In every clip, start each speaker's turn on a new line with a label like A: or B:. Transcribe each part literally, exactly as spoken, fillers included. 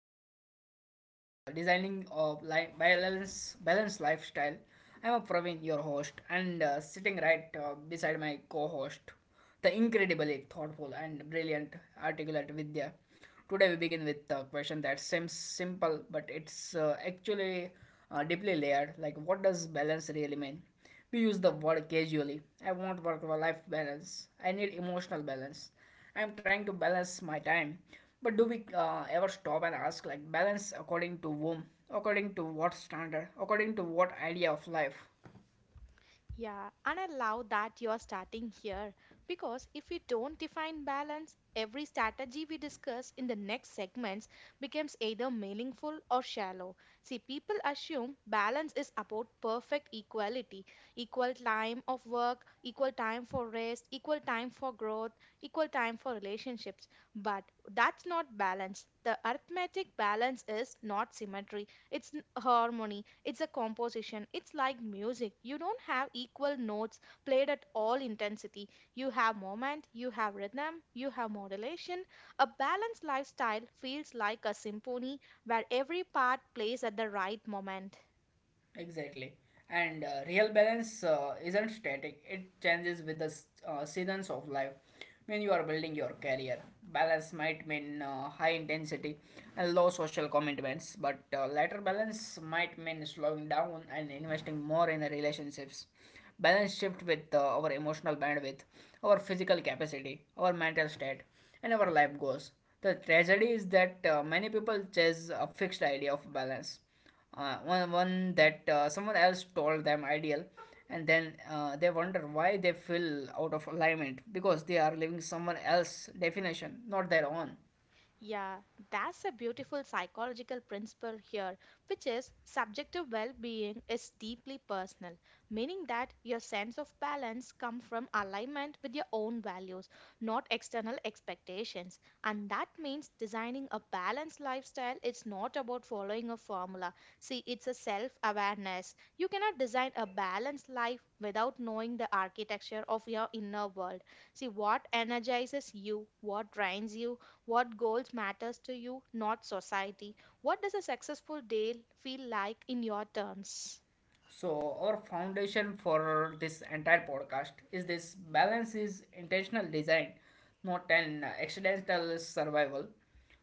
A: first segment of the dis- uh, Designing of Life Balance Balance Lifestyle. I'm Praveen, your host, and uh, sitting right uh, beside my co-host, the incredibly thoughtful and brilliant articulate Vidya. Today we begin with a question that seems simple, but it's uh, actually uh, deeply layered. Like, what does balance really mean? We use the word casually. I want work-life balance. I need emotional balance. I'm trying to balance my time. But do we uh, ever stop and ask, like, balance according to whom? According to what standard? According to what idea of life?
B: Yeah, and allow that you're starting here because if we don't define balance, every strategy we discuss in the next segments becomes either meaningful or shallow. See, people assume balance is about perfect equality equal time of work, equal time for rest, equal time for growth, equal time for relationships. But that's not balance. The arithmetic balance is not symmetry it's n- harmony, it's a composition. It's like music. You don't have equal notes played at all intensity. You have moment, you have rhythm, you have modulation. A balanced lifestyle feels like a symphony where every part plays at the right moment.
A: Exactly. And uh, real balance uh, isn't static, it changes with the s- uh, seasons of life. When you are building your career, balance might mean uh, high intensity and low social commitments, but uh, later balance might mean slowing down and investing more in the relationships. Balance shift with uh, our emotional bandwidth, our physical capacity, our mental state, and our life goals. The tragedy is that uh, many people chase a fixed idea of balance, uh, one one that uh, someone else told them ideal, and then uh, they wonder why they feel out of alignment because they are living someone else's definition, not their own.
B: Yeah, that's a beautiful psychological principle here, which is subjective well being is deeply personal, meaning that your sense of balance comes from alignment with your own values, not external expectations. And that means designing a balanced lifestyle is not about following a formula. See, it's a self awareness. You cannot design a balanced life without knowing the architecture of your inner world. See, what energizes you, what drains you, what goals matters to you not society, what does a successful day feel like in your terms?
A: So, our foundation for this entire podcast is this: balance is intentional design, not an accidental survival.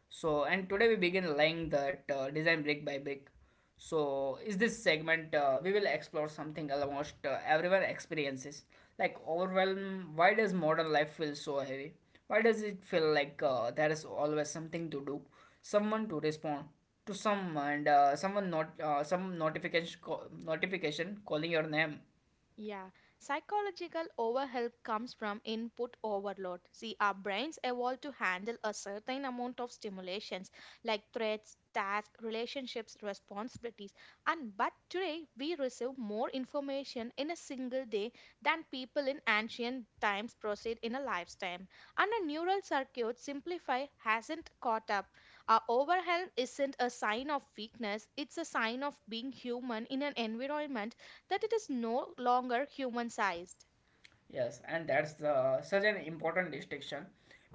A: So, and today we begin laying that uh, design brick by brick. So, is this segment, uh, we will explore something almost uh, everyone experiences, like overwhelm. Why does modern life feel so heavy? Why does it feel like uh, there is always something to do, someone to respond to some and uh, someone, not uh, some notification call, notification calling your name.
B: Yeah, psychological overhelp comes from input overload. See, our brains evolved to handle a certain amount of stimulations like threats, tasks, relationships, responsibilities. And but today we receive more information in a single day than people in ancient times processed in a lifetime. And a neural circuit simplify hasn't caught up. Our overhelp isn't a sign of weakness, it's a sign of being human in an environment that it is no longer human sized.
A: Yes, and that's the such an important distinction.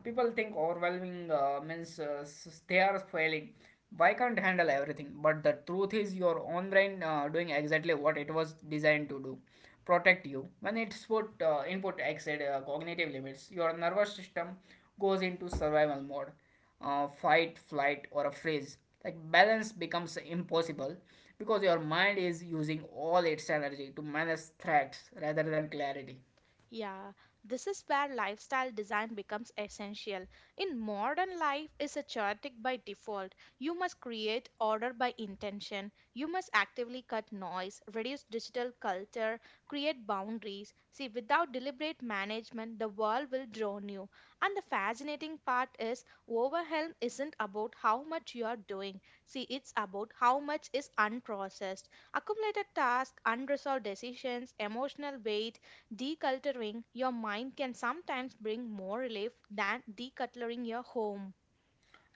A: People think overwhelming uh, means uh, s- they are failing. Why can't handle everything? But the truth is, your own brain uh, doing exactly what it was designed to do, protect you. When it's put uh, input exceed uh, cognitive limits, your nervous system goes into survival mode, uh, fight, flight, or a freeze. Like balance becomes impossible because your mind is using all its energy to manage threats rather than clarity.
B: Yeah, this is where lifestyle design becomes essential. In modern life is a chaotic by default. You must create order by intention. You must actively cut noise, reduce digital culture, create boundaries. See, without deliberate management, the world will drown you. And the fascinating part is overwhelm isn't about how much you are doing. See, it's about how much is unprocessed. Accumulated tasks, unresolved decisions, emotional weight, decluttering your mind can sometimes bring more relief than decluttering your home.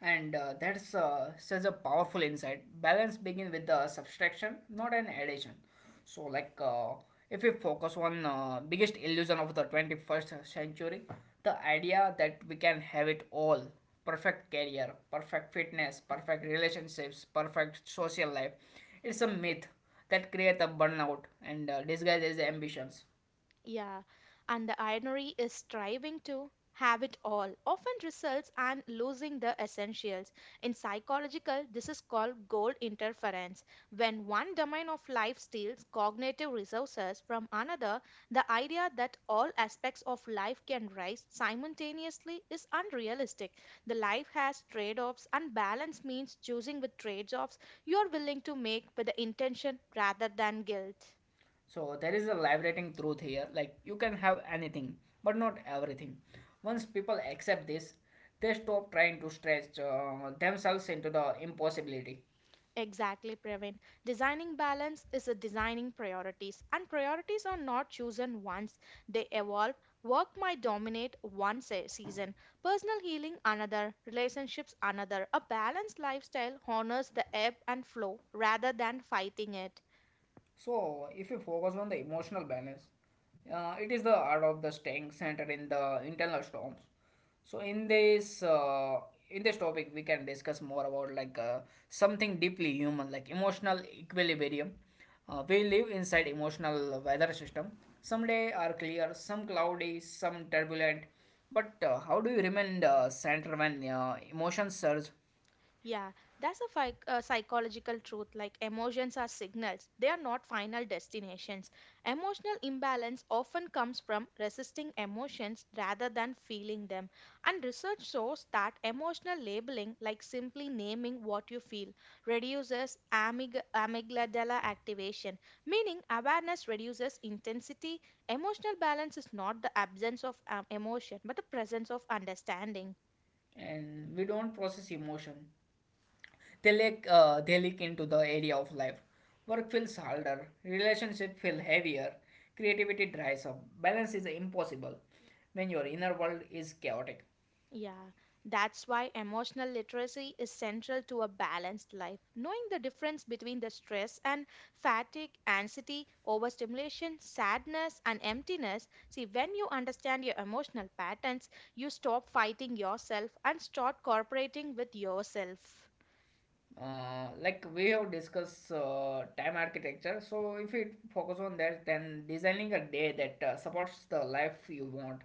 A: And uh, that's uh, such a powerful insight: balance begins with the subtraction, not an addition. So like, uh, if we focus on uh, biggest illusion of the twenty-first century, the idea that we can have it all: perfect career, perfect fitness, perfect relationships, perfect social life. It's a myth that creates a burnout and uh, disguises ambitions.
B: Yeah, and the irony is striving to have it all often results and losing the essentials. In psychological, this is called goal interference. When one domain of life steals cognitive resources from another, the idea that all aspects of life can rise simultaneously is unrealistic. The life has trade-offs and balance means choosing with trade-offs you are willing to make with the intention rather than guilt.
A: So there is a liberating truth here. Like, you can have anything, but not everything. Once people accept this, they stop trying to stretch uh, themselves into the impossibility.
B: Exactly, Praveen. Designing balance is a designing priorities, and priorities are not chosen once. They evolve. Work might dominate one se- season, personal healing another, relationships another. A balanced lifestyle honors the ebb and flow rather than fighting it.
A: So, if you focus on the emotional balance, uh, it is the art of the staying centered in the internal storms. So, in this uh, in this topic, we can discuss more about like uh, something deeply human, like emotional equilibrium. Uh, we live inside emotional weather system. Some days are clear, some cloudy, some turbulent. But uh, how do you remain uh, centered when uh, emotions surge?
B: Yeah, that's a, phy- a psychological truth. Like emotions are signals, they are not final destinations. Emotional imbalance often comes from resisting emotions rather than feeling them. And research shows that emotional labeling, like simply naming what you feel, reduces amyg- amygdala activation, meaning awareness reduces intensity. Emotional balance is not the absence of um, emotion, but the presence of understanding.
A: And we don't process emotion. They like uh, they leak into the area of life. Work feels harder, relationship feel heavier, creativity dries up. Balance is impossible when your inner world is chaotic.
B: Yeah, that's why emotional literacy is central to a balanced life. Knowing the difference between the stress and fatigue, anxiety, overstimulation, sadness, and emptiness. See, when you understand your emotional patterns, you stop fighting yourself and start cooperating with yourself.
A: Uh, like we have discussed uh, time architecture, so if we focus on that, then designing a day that uh, supports the life you want.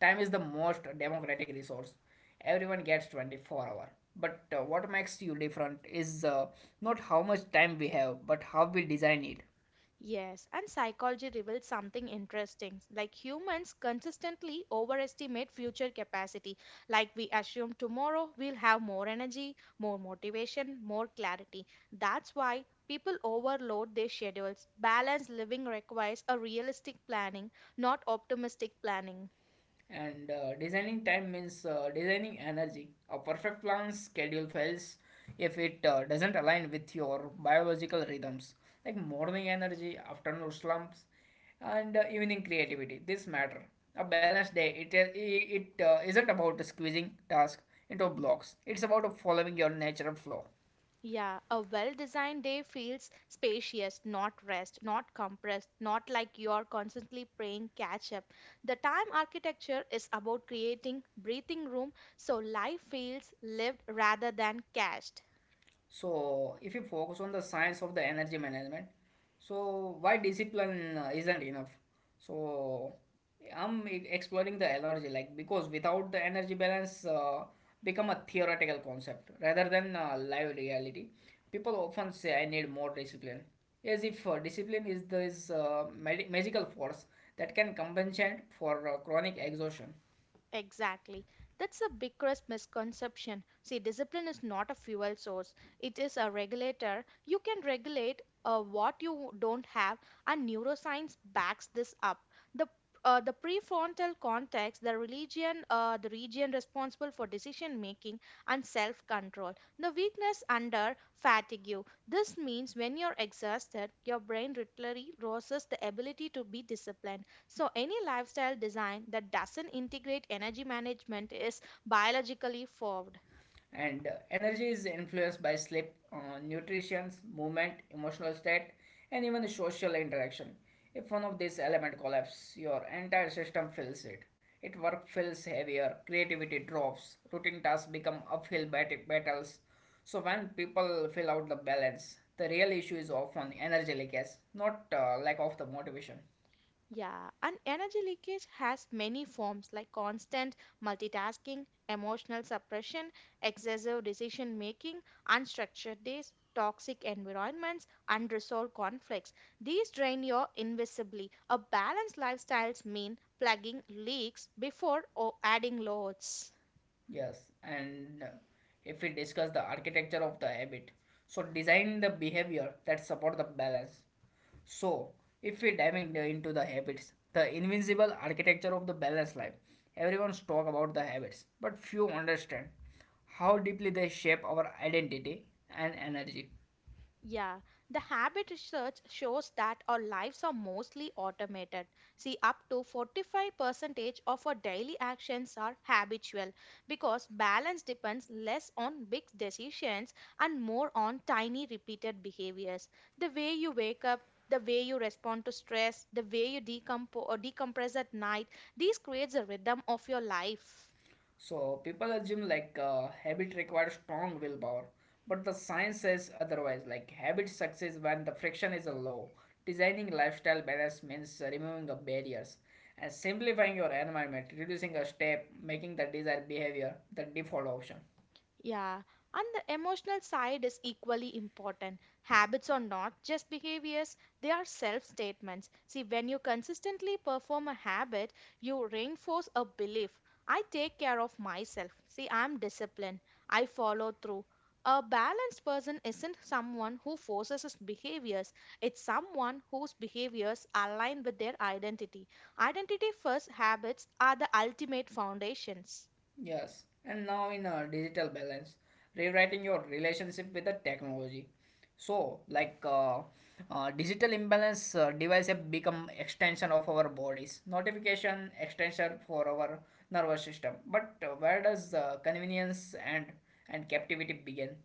A: Time is the most democratic resource. Everyone gets twenty-four hour. But uh, what makes you different is uh, not how much time we have, but how we design it.
B: Yes, and psychology reveals something interesting. Like humans consistently overestimate future capacity. Like we assume tomorrow we'll have more energy, more motivation, more clarity. That's why people overload their schedules. Balanced living requires a realistic planning, not optimistic planning.
A: And uh, designing time means uh, designing energy. A perfect plan schedule fails if it uh, doesn't align with your biological rhythms, like morning energy, afternoon slumps, and uh, evening creativity. This matter. A balanced day. It uh, it uh, isn't about squeezing tasks into blocks. It's about following your natural flow.
B: Yeah, a well designed day feels spacious, not rest, not compressed, not like you're constantly playing catch up. The time architecture is about creating breathing room so life feels lived rather than cached.
A: So, if you focus on the science of the energy management, so why discipline uh, isn't enough? So, I'm e- exploring the analogy, like, because without the energy balance uh, become a theoretical concept rather than uh, live reality. People often say I need more discipline, as if uh, discipline is this uh, magi- magical force that can compensate for uh, chronic exhaustion.
B: Exactly. That's the biggest misconception. See, discipline is not a fuel source, it is a regulator. You can regulate uh, what you don't have, and neuroscience backs this up. The uh, the prefrontal cortex, the religion, uh, the region responsible for decision making and self control. The weakness under fatigue. This means when you're exhausted, your brain literally loses the ability to be disciplined. So, any lifestyle design that doesn't integrate energy management is biologically forward.
A: And uh, energy is influenced by sleep, uh, nutrition, movement, emotional state, and even the social interaction. If one of these elements collapses, your entire system feels it. It work feels heavier, creativity drops, routine tasks become uphill bat- battles. So when people fill out the balance, the real issue is often energy leakage, not uh, lack of the motivation.
B: Yeah, and energy leakage has many forms like constant multitasking, emotional suppression, excessive decision making, unstructured days, toxic environments, unresolved conflicts. These drain you invisibly. A balanced lifestyles mean plugging leaks before or adding loads.
A: Yes, and uh, if we discuss the architecture of the habit, so design the behavior that support the balance. So, if we diving the- into the habits, the invincible architecture of the balanced life. Everyone's talk about the habits, but few understand how deeply they shape our identity and energy.
B: Yeah, the habit research shows that our lives are mostly automated. See, up to forty-five percent of our daily actions are habitual because balance depends less on big decisions and more on tiny repeated behaviors. The way you wake up, the way you respond to stress, the way you decompo- or decompress at night, these creates a rhythm of your life.
A: So people assume like uh, habit requires strong willpower, but the science says otherwise. Like, habit succeeds when the friction is low. Designing lifestyle balance means removing the barriers and simplifying your environment, reducing a step, making the desired behavior the default option.
B: Yeah, and the emotional side is equally important. Habits are not just behaviors, they are self statements. See, when you consistently perform a habit, you reinforce a belief I take care of myself. See, I'm disciplined, I follow through. A balanced person isn't someone who forces his behaviors, it's someone whose behaviors align with their identity. Identity first habits are the ultimate foundations.
A: Yes, and now in a digital balance, rewriting your relationship with the technology. So, like uh, uh, digital imbalance, uh, device have become extension of our bodies, notification extension for our nervous system. But uh, where does uh, convenience and and captivity begin?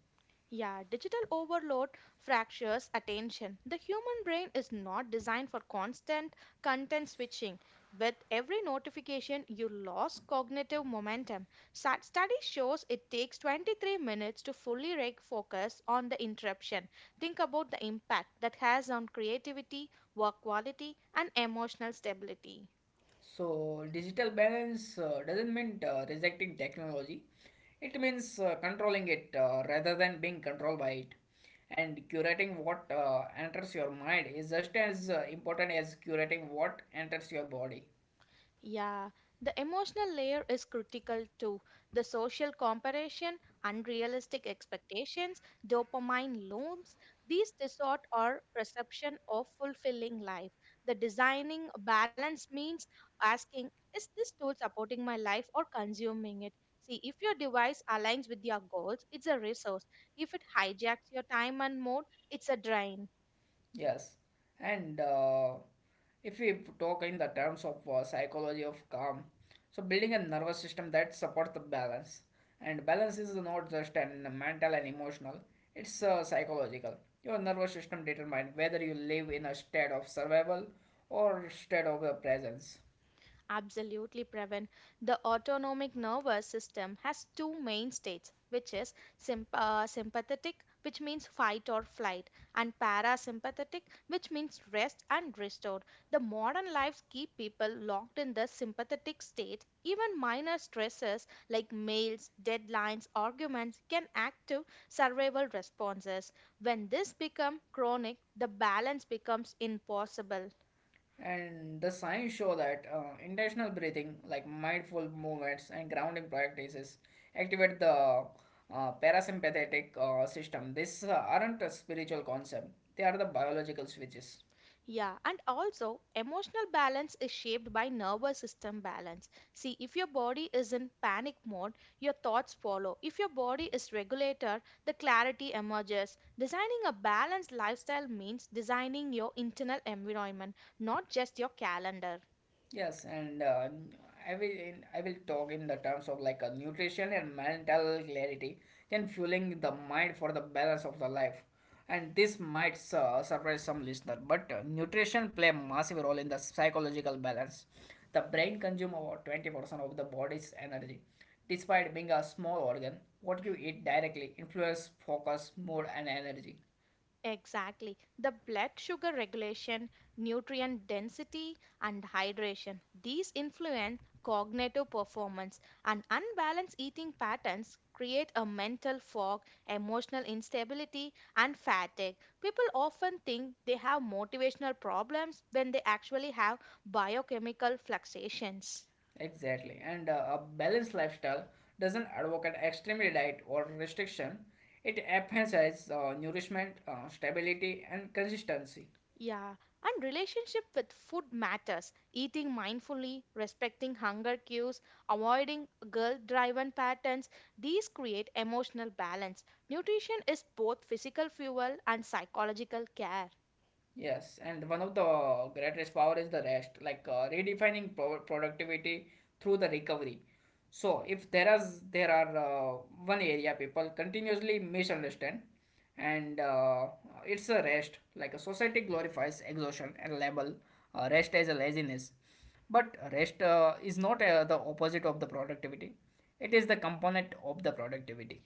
B: Yeah, digital overload fractures attention. The human brain is not designed for constant content switching. With every notification, you lose cognitive momentum. Sa- Study shows it takes twenty-three minutes to fully reg- focus on the interruption. Think about the impact that has on creativity, work quality, and emotional stability.
A: So, digital balance uh, doesn't mean uh, rejecting technology, it means uh, controlling it uh, rather than being controlled by it. And curating what uh, enters your mind is just as uh, important as curating what enters your body.
B: Yeah, the emotional layer is critical too. The social comparison, unrealistic expectations, dopamine loops these distort our perception of fulfilling life. The designing a balance means asking, is this tool supporting my life or consuming it? See, if your device aligns with your goals, it's a resource. If it hijacks your time and mood, it's a drain.
A: Yes, and uh, if we p- talk in the terms of uh, psychology of calm, so building a nervous system that supports the balance, and balance is not just an mental and emotional; it's uh, psychological. Your nervous system determines whether you live in a state of survival or state of uh, presence.
B: Absolutely, Pravin. The autonomic nervous system has two main states, which is symp- uh, sympathetic, which means fight or flight, and parasympathetic, which means rest and restore. The modern lives keep people locked in the sympathetic state. Even minor stresses like mails, deadlines, arguments can active survival responses. When this becomes chronic, the balance becomes impossible.
A: And the science show that uh, intentional breathing, like mindful movements and grounding practices, activate the uh, parasympathetic uh, system. These uh, aren't a spiritual concept; they are the biological switches.
B: Yeah, and also emotional balance is shaped by nervous system balance. See, if your body is in panic mode, your thoughts follow. If your body is regulated, the clarity emerges. Designing a balanced lifestyle means designing your internal environment, not just your calendar.
A: Yes, and uh, I will I will talk in the terms of like a nutrition and mental clarity, then fueling the mind for the balance of the life. And this might uh, surprise some listener, but uh, nutrition play a massive role in the psychological balance. The brain consumes about twenty percent of the body's energy. Despite being a small organ, what you eat directly influences focus, mood, and energy.
B: Exactly. The blood sugar regulation, nutrient density, and hydration. These influence cognitive performance, and unbalanced eating patterns create a mental fog, emotional instability, and fatigue. People often think they have motivational problems when they actually have biochemical fluctuations.
A: Exactly. And uh, a balanced lifestyle doesn't advocate extreme diet or restriction. It emphasizes uh, nourishment, uh, stability, and consistency.
B: Yeah, and relationship with food matters. Eating mindfully, respecting hunger cues, avoiding guilt driven patterns, these create emotional balance. Nutrition is both physical fuel and psychological care.
A: Yes, and one of the greatest power is the rest, like uh, redefining pro- productivity through the recovery. So if there is there are uh, one area people continuously misunderstand, and uh, it's a rest. Like, a society glorifies exhaustion and label uh, rest as a laziness, but rest uh, is not uh, the opposite of the productivity. It is the component of the productivity.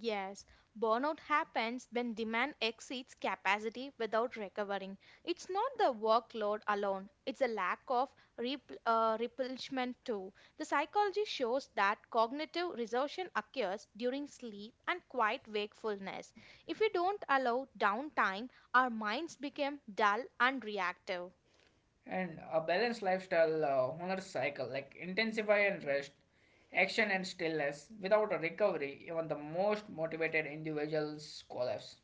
B: Yes, burnout happens when demand exceeds capacity without recovering. It's not the workload alone, it's a lack of rep- uh, replenishment too. The psychology shows that cognitive resorption occurs during sleep and quiet wakefulness. If we don't allow downtime, our minds become dull and reactive.
A: And a balanced lifestyle uh, honors cycle like intensify and rest, action and stillness. Without a recovery, even the most motivated individuals collapse.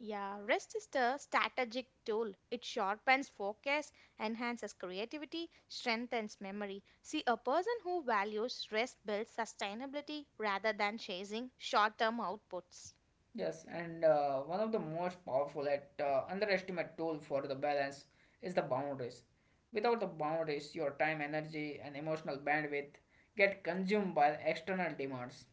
B: Yeah, rest is the strategic tool. It sharpens focus, enhances creativity, strengthens memory. See, a person who values rest builds sustainability rather than chasing short term outputs.
A: Yes, and uh, one of the most powerful and uh, underestimate tool for the balance is the boundaries. Without the boundaries, your time, energy, and emotional bandwidth get consumed by external demands.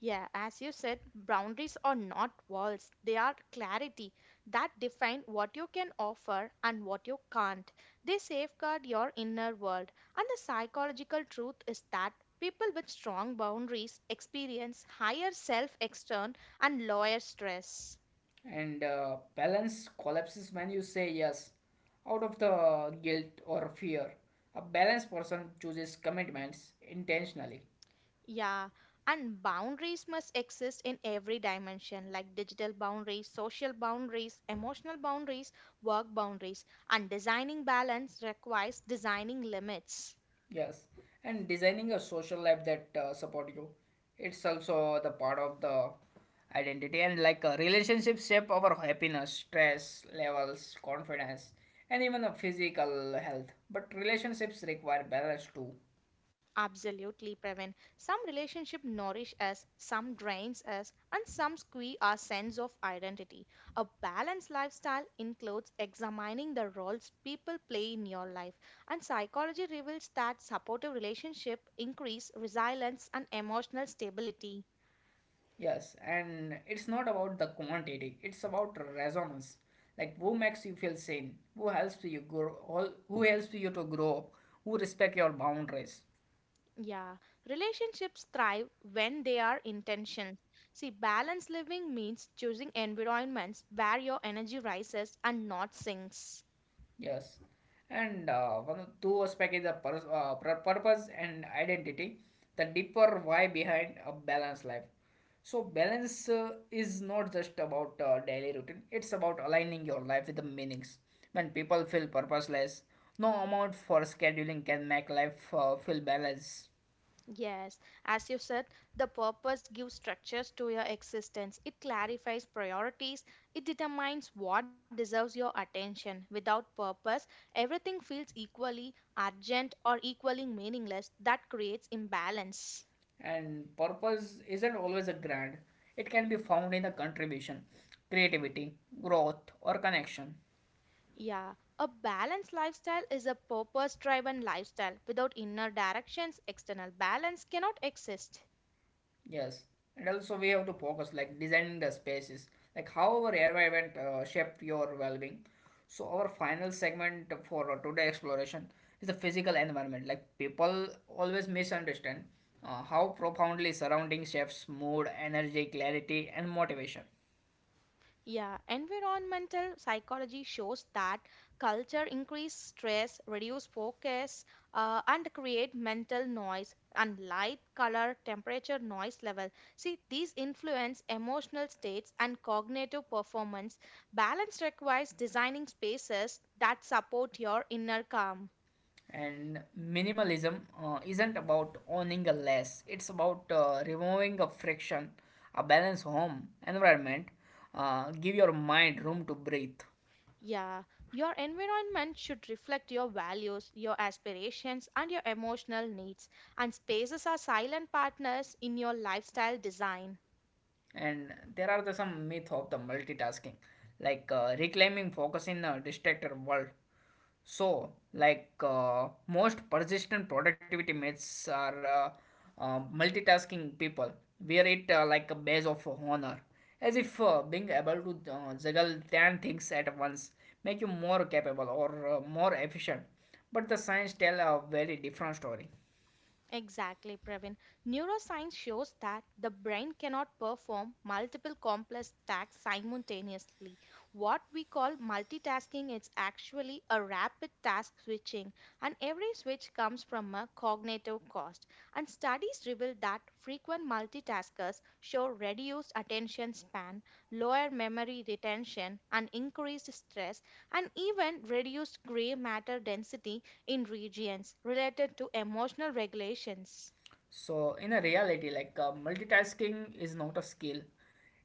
B: Yeah, as you said, boundaries are not walls, they are clarity that define what you can offer and what you can't. They safeguard your inner world. And the psychological truth is that people with strong boundaries experience higher self extern and lower stress.
A: And uh, balance collapses when you say yes out of the guilt or fear. A balanced person chooses commitments intentionally.
B: Yeah, and boundaries must exist in every dimension like digital boundaries, social boundaries, emotional boundaries, work boundaries. And designing balance requires designing limits.
A: Yes. And designing a social life that uh, support you. It's also the part of the identity, and like, a relationship shape our happiness, stress levels, confidence, and even a physical health. But relationships require balance too.
B: Absolutely, Pravin. Some relationship nourish us, some drains us, and some squeeze our sense of identity. A balanced lifestyle includes examining the roles people play in your life, and psychology reveals that supportive relationship increase resilience and emotional stability.
A: Yes, and it's not about the quantity, it's about resonance. Like, who makes you feel sane, who helps you grow, who helps you to grow, up, who respect your boundaries.
B: Yeah, relationships thrive when they are intentional. See, balanced living means choosing environments where your energy rises and not sinks.
A: Yes. And uh, one of two aspect is the pur- uh, pur- purpose and identity, the deeper why behind a balanced life. So balance uh, is not just about uh, daily routine. It's about aligning your life with the meanings. When people feel purposeless, no amount for scheduling can make life uh, feel balanced.
B: Yes, as you said, the purpose gives structures to your existence. It clarifies priorities. It determines what deserves your attention. Without purpose, everything feels equally urgent or equally meaningless. That creates imbalance.
A: And purpose isn't always a grand. It can be found in the contribution, creativity, growth, or connection.
B: Yeah, a balanced lifestyle is a purpose driven lifestyle. Without inner directions, external balance cannot exist.
A: Yes, and also we have to focus like designing the spaces, like how our environment uh, shape your well-being. So our final segment for today exploration is the physical environment. Like, people always misunderstand uh, how profoundly surrounding shapes mood, energy, clarity, and motivation.
B: Yeah, environmental psychology shows that culture increase stress, reduce focus, uh, and create mental noise and light, color, temperature, noise level. See, these influence emotional states and cognitive performance. Balance requires designing spaces that support your inner calm.
A: And minimalism uh, isn't about owning a less; it's about uh, removing a friction, a balanced home environment, uh, give your mind room to breathe.
B: Yeah, your environment should reflect your values, your aspirations, and your emotional needs. And spaces are silent partners in your lifestyle design.
A: And there are the some myth of the multitasking, like uh, reclaiming focus in a distracted world. So, like uh, most persistent productivity myths are uh, uh, multitasking people wear it uh, like a badge of honor, as if uh, being able to uh, juggle ten things at once make you more capable or uh, more efficient. But the science tell a very different story.
B: Exactly, Pravin. Neuroscience shows that the brain cannot perform multiple complex tasks simultaneously. What we call multitasking is actually a rapid task switching, and every switch comes from a cognitive cost. And studies reveal that frequent multitaskers show reduced attention span, lower memory retention, and increased stress, and even reduced gray matter density in regions related to emotional regulations.
A: So, in a reality, like uh, multitasking is not a skill,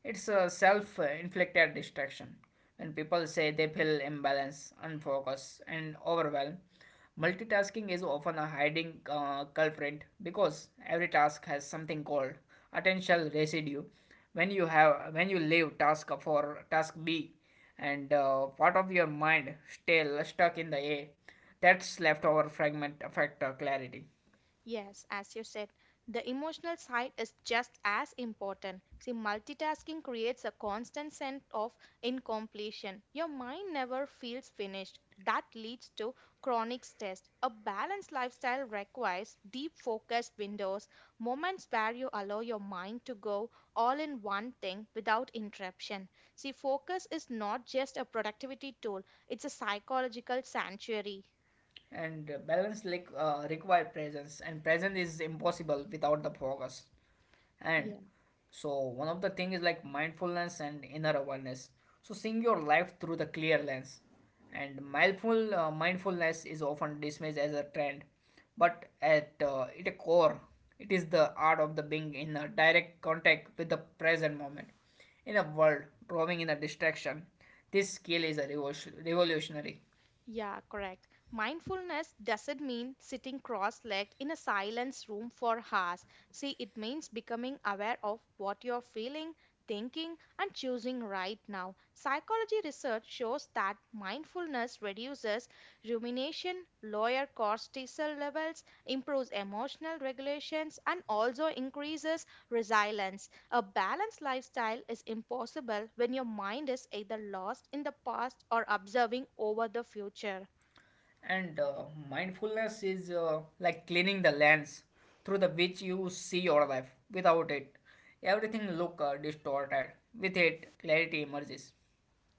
A: it's a self inflicted distraction. When people say they feel imbalance, unfocused, and overwhelmed, multitasking is often a hiding uh, culprit, because every task has something called attentional residue. When you have when you leave task for task B, and uh, part of your mind still stuck in the A, that's leftover fragment affect uh, clarity.
B: Yes, as you said, the emotional side is just as important. See, multitasking creates a constant sense of incompletion. Your mind never feels finished. That leads to chronic stress. A balanced lifestyle requires deep focused windows, moments where you allow your mind to go all in one thing without interruption. See, focus is not just a productivity tool, it's a psychological sanctuary.
A: and uh, balance like uh, require presence, and presence is impossible without the focus. And
B: Yes.
A: so one of the thing is like mindfulness and inner awareness, so seeing your life through the clear lens. And mindful uh, mindfulness is often dismissed as a trend, but at uh, its core it is the art of the being in a direct contact with the present moment. In a world drawing in a distraction, this skill is a revolution- revolutionary.
B: Yeah, correct. Mindfulness doesn't mean sitting cross legged in a silence room for hours. See, it means becoming aware of what you're feeling, thinking, and choosing right now. Psychology research shows that mindfulness reduces rumination, lower cortisol levels, improves emotional regulations, and also increases resilience. A balanced lifestyle is impossible when your mind is either lost in the past or observing over the future.
A: And uh, mindfulness is uh, like cleaning the lens through the which you see your life. Without it, everything look uh, distorted. With it, clarity emerges.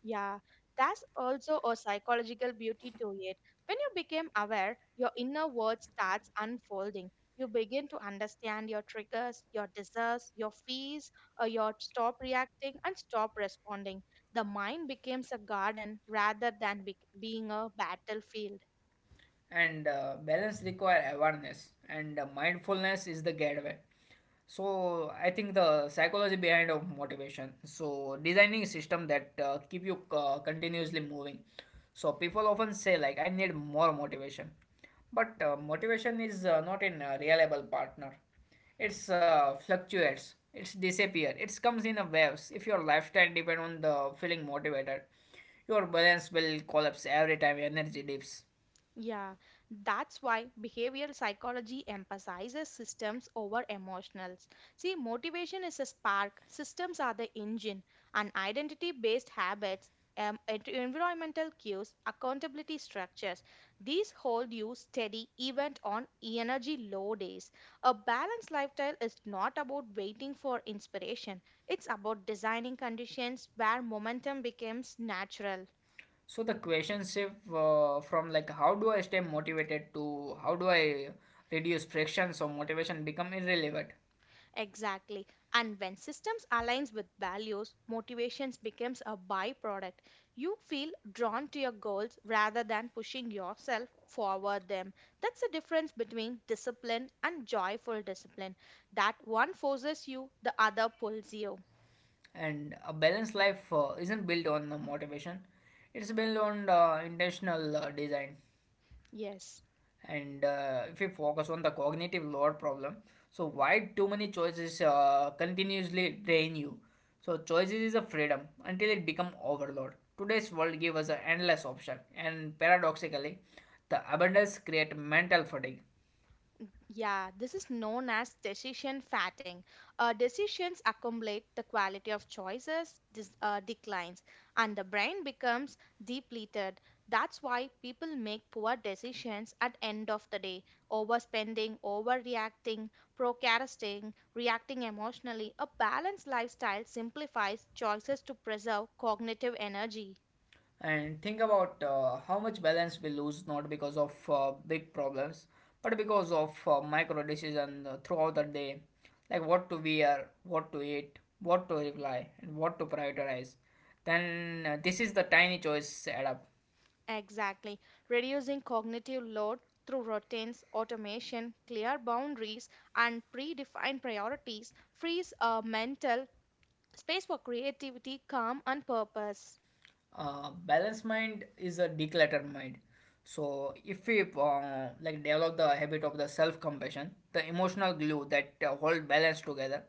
B: Yeah, that's also a psychological beauty to it. When you become aware, your inner world starts unfolding. You begin to understand your triggers, your desires, your fears, or your stop reacting and stop responding. The mind becomes a garden rather than be- being a battlefield.
A: And uh, balance require awareness, and uh, mindfulness is the gateway. So I think the psychology behind of motivation, so designing system that uh, keep you uh, continuously moving. So people often say like I need more motivation, but uh, motivation is uh, not in a reliable partner. It's uh, fluctuates, it's disappear, it comes in a waves. If your lifestyle depend on the feeling motivated, your balance will collapse every time your energy dips.
B: Yeah, that's why behavioral psychology emphasizes systems over emotionals. See, motivation is a spark, systems are the engine, and identity based habits, um, en- environmental cues, accountability structures. These hold you steady even on energy low days. A balanced lifestyle is not about waiting for inspiration, it's about designing conditions where momentum becomes natural.
A: So the question shift uh, from like how do I stay motivated to how do I reduce friction so motivation become irrelevant.
B: Exactly. And when systems aligns with values, motivations becomes a byproduct. You feel drawn to your goals rather than pushing yourself forward them. That's the difference between discipline and joyful discipline. That one forces you, the other pulls you.
A: And a balanced life uh, isn't built on the motivation; it's built on the intentional uh, design.
B: Yes.
A: And uh, if we focus on the cognitive load problem, so why too many choices uh, continuously drain you. So choices is a freedom until it become overload. Today's world gives us an endless option, and paradoxically the abundance create mental fatigue.
B: Yeah, this is known as decision fatting. Uh, decisions accumulate the quality of choices dis- uh, declines, and the brain becomes depleted. That's why people make poor decisions at end of the day. Overspending, overreacting, procrastinating, reacting emotionally. A balanced lifestyle simplifies choices to preserve cognitive energy.
A: And think about uh, how much balance we lose, not because of uh, big problems, but because of uh, micro decisions uh, throughout the day, like what to wear, what to eat, what to reply, and what to prioritize. Then uh, this is the tiny choice add up.
B: Exactly. Reducing cognitive load through routines, automation, clear boundaries, and predefined priorities frees a mental space for creativity, calm, and purpose.
A: Uh, balanced mind is a decluttered mind. So if we uh, like develop the habit of the self compassion, the emotional glue that uh, hold balance together.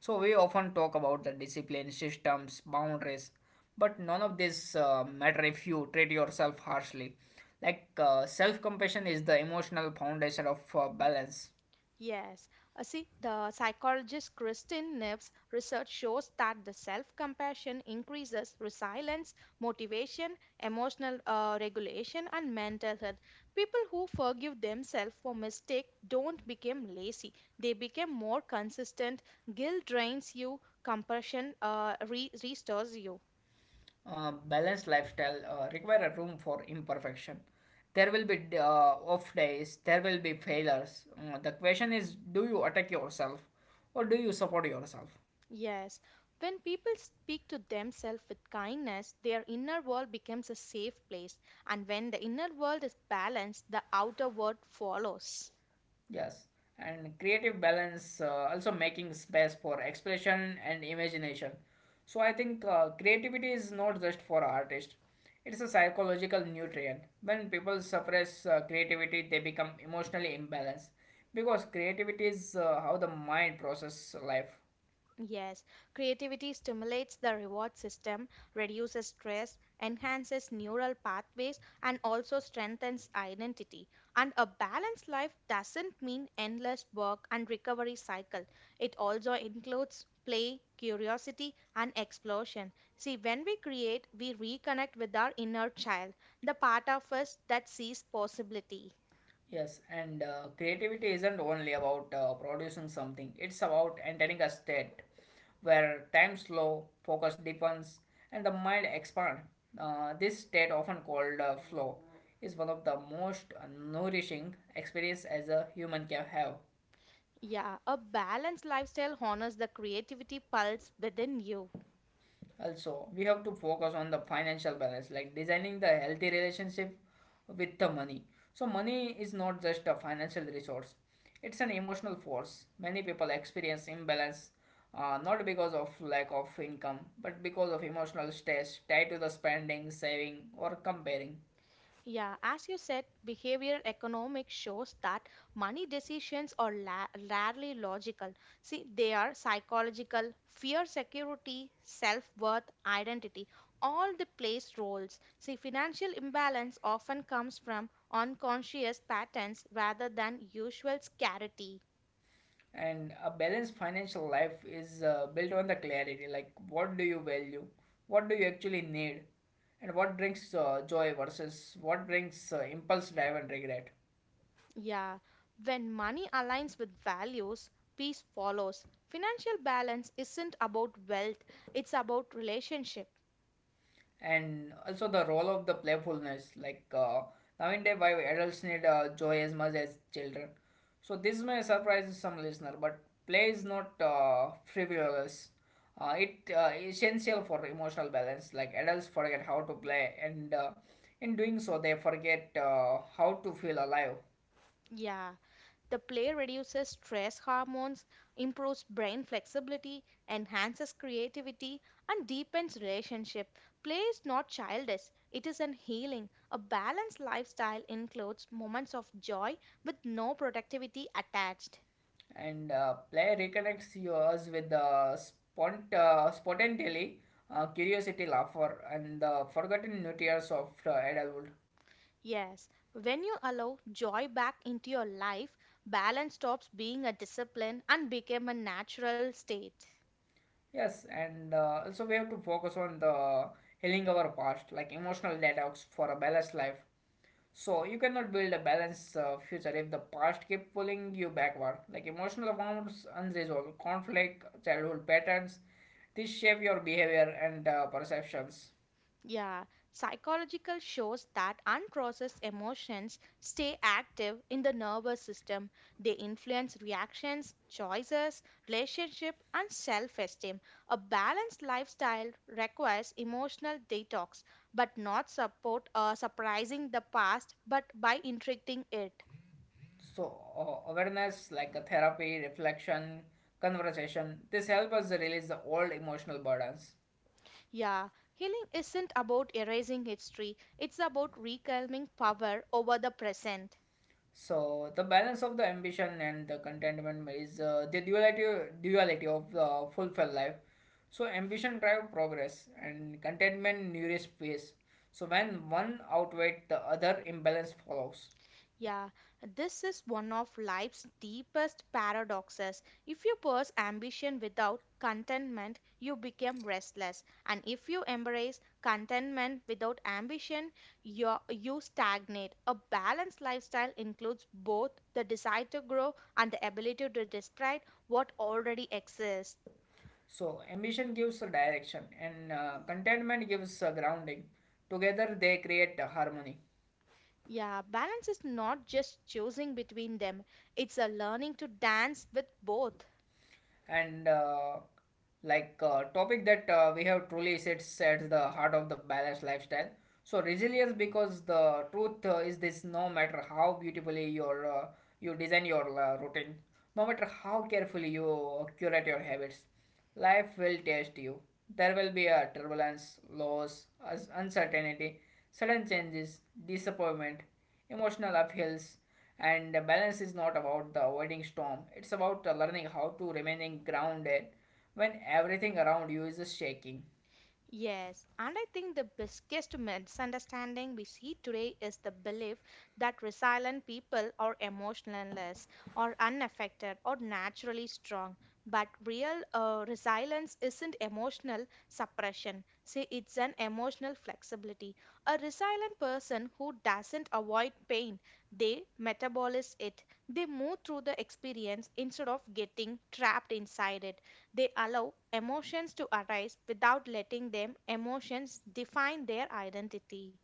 A: So we often talk about the discipline, systems, boundaries, but none of this uh, matter if you treat yourself harshly. Like uh, self compassion is the emotional foundation of uh, balance.
B: Yes. Uh, see, the psychologist Christine Nibbs' research shows that the self compassion increases resilience, motivation, emotional uh, regulation, and mental health. People who forgive themselves for mistake don't become lazy, they become more consistent. Guilt drains you, compassion uh, re- restores you.
A: Uh, balanced lifestyle uh, require a room for imperfection. There will be uh, off days, there will be failures. Uh, the question is, do you attack yourself or do you support yourself?
B: Yes, when people speak to themselves with kindness, their inner world becomes a safe place, and when the inner world is balanced, the outer world follows.
A: Yes, and creative balance uh, also making space for expression and imagination. So I think uh, creativity is not just for artists; it's a psychological nutrient. When people suppress uh, creativity, they become emotionally imbalanced, because creativity is uh, how the mind processes life.
B: Yes, creativity stimulates the reward system, reduces stress, enhances neural pathways, and also strengthens identity. And a balanced life doesn't mean endless work and recovery cycle. It also includes play, curiosity, and explosion. See, when we create, we reconnect with our inner child, the part of us that sees possibility.
A: Yes, and uh, creativity isn't only about uh, producing something, it's about entering a state where time slow, focus deepens, and the mind expands. Uh, this state, often called uh, flow, is one of the most nourishing experience as a human can have.
B: Yeah, a balanced lifestyle honors the creativity pulse within you.
A: Also, we have to focus on the financial balance, like designing the healthy relationship with the money. So, money is not just a financial resource, it's an emotional force. Many people experience imbalance uh, not because of lack of income, but because of emotional stress tied to the spending, saving, or comparing.
B: Yeah, as you said, behavioral economics shows that money decisions are la- rarely logical. See, they are psychological, fear, security, self worth, identity, all the plays roles. See, financial imbalance often comes from unconscious patterns rather than usual scarcity.
A: And a balanced financial life is uh, built on the clarity, like what do you value, what do you actually need, and what brings uh, joy versus what brings uh, impulse drive and regret.
B: Yeah, when money aligns with values, peace follows. Financial balance isn't about wealth, it's about relationship.
A: And also the role of the playfulness, like uh, nowadays why adults need uh, joy as much as children. So this may surprise some listener, but play is not uh, frivolous. Uh, it uh, essential for emotional balance. Like adults forget how to play, and uh, in doing so they forget uh, how to feel alive.
B: Yeah. The play reduces stress hormones, improves brain flexibility, enhances creativity, and deepens relationship. Play is not childish, it is an healing. A balanced lifestyle includes moments of joy with no productivity attached.
A: And uh, play reconnects you us with the spont- uh, spontaneity, uh, curiosity, laughter, and the forgotten nutrients of uh, adulthood.
B: Yes, when you allow joy back into your life, balance stops being a discipline and become a natural state.
A: Yes, and uh, also we have to focus on the healing our past, like emotional detox for a balanced life. So you cannot build a balanced uh, future if the past keep pulling you backward. Like emotional wounds, unresolved conflict, childhood patterns, this shape your behavior and uh, perceptions.
B: Yeah, psychological shows that unprocessed emotions stay active in the nervous system. They influence reactions, choices, relationship, and self-esteem. A balanced lifestyle requires emotional detox, but not support uh, surprising the past, but by integrating it.
A: So uh, awareness, like a therapy, reflection, conversation, this help us release the old emotional burdens.
B: Yeah, healing isn't about erasing history. It's about reclaiming power over the present.
A: So the balance of the ambition and the contentment is uh, the duality duality of uh, fulfilled life. So ambition drive progress and contentment nourish peace. So when one outweighs the other, imbalance follows.
B: Yeah, this is one of life's deepest paradoxes. If you pursue ambition without contentment, you become restless. And if you embrace contentment without ambition, you you stagnate. A balanced lifestyle includes both the desire to grow and the ability to discard what already exists.
A: So ambition gives a direction, and uh, contentment gives a grounding. Together they create a harmony.
B: Yeah, balance is not just choosing between them, it's a learning to dance with both.
A: And uh, like uh, topic that uh, we have truly sits at the heart of the balanced lifestyle, so resilience. Because the truth uh, is this: no matter how beautifully your uh, you design your uh, routine, no matter how carefully you curate your habits, life will test you. There will be a turbulence, loss, us- uncertainty, sudden changes, disappointment, emotional upheavals. And the balance is not about the avoiding storm, it's about uh, learning how to remaining grounded when everything around you is shaking.
B: Yes, and I think the biggest misunderstanding we see today is the belief that resilient people are emotionless or unaffected or naturally strong. But real uh, resilience isn't emotional suppression. See, it's an emotional flexibility. A resilient person who doesn't avoid pain, they metabolize it. They move through the experience instead of getting trapped inside it. They allow emotions to arise without letting them emotions define their identity.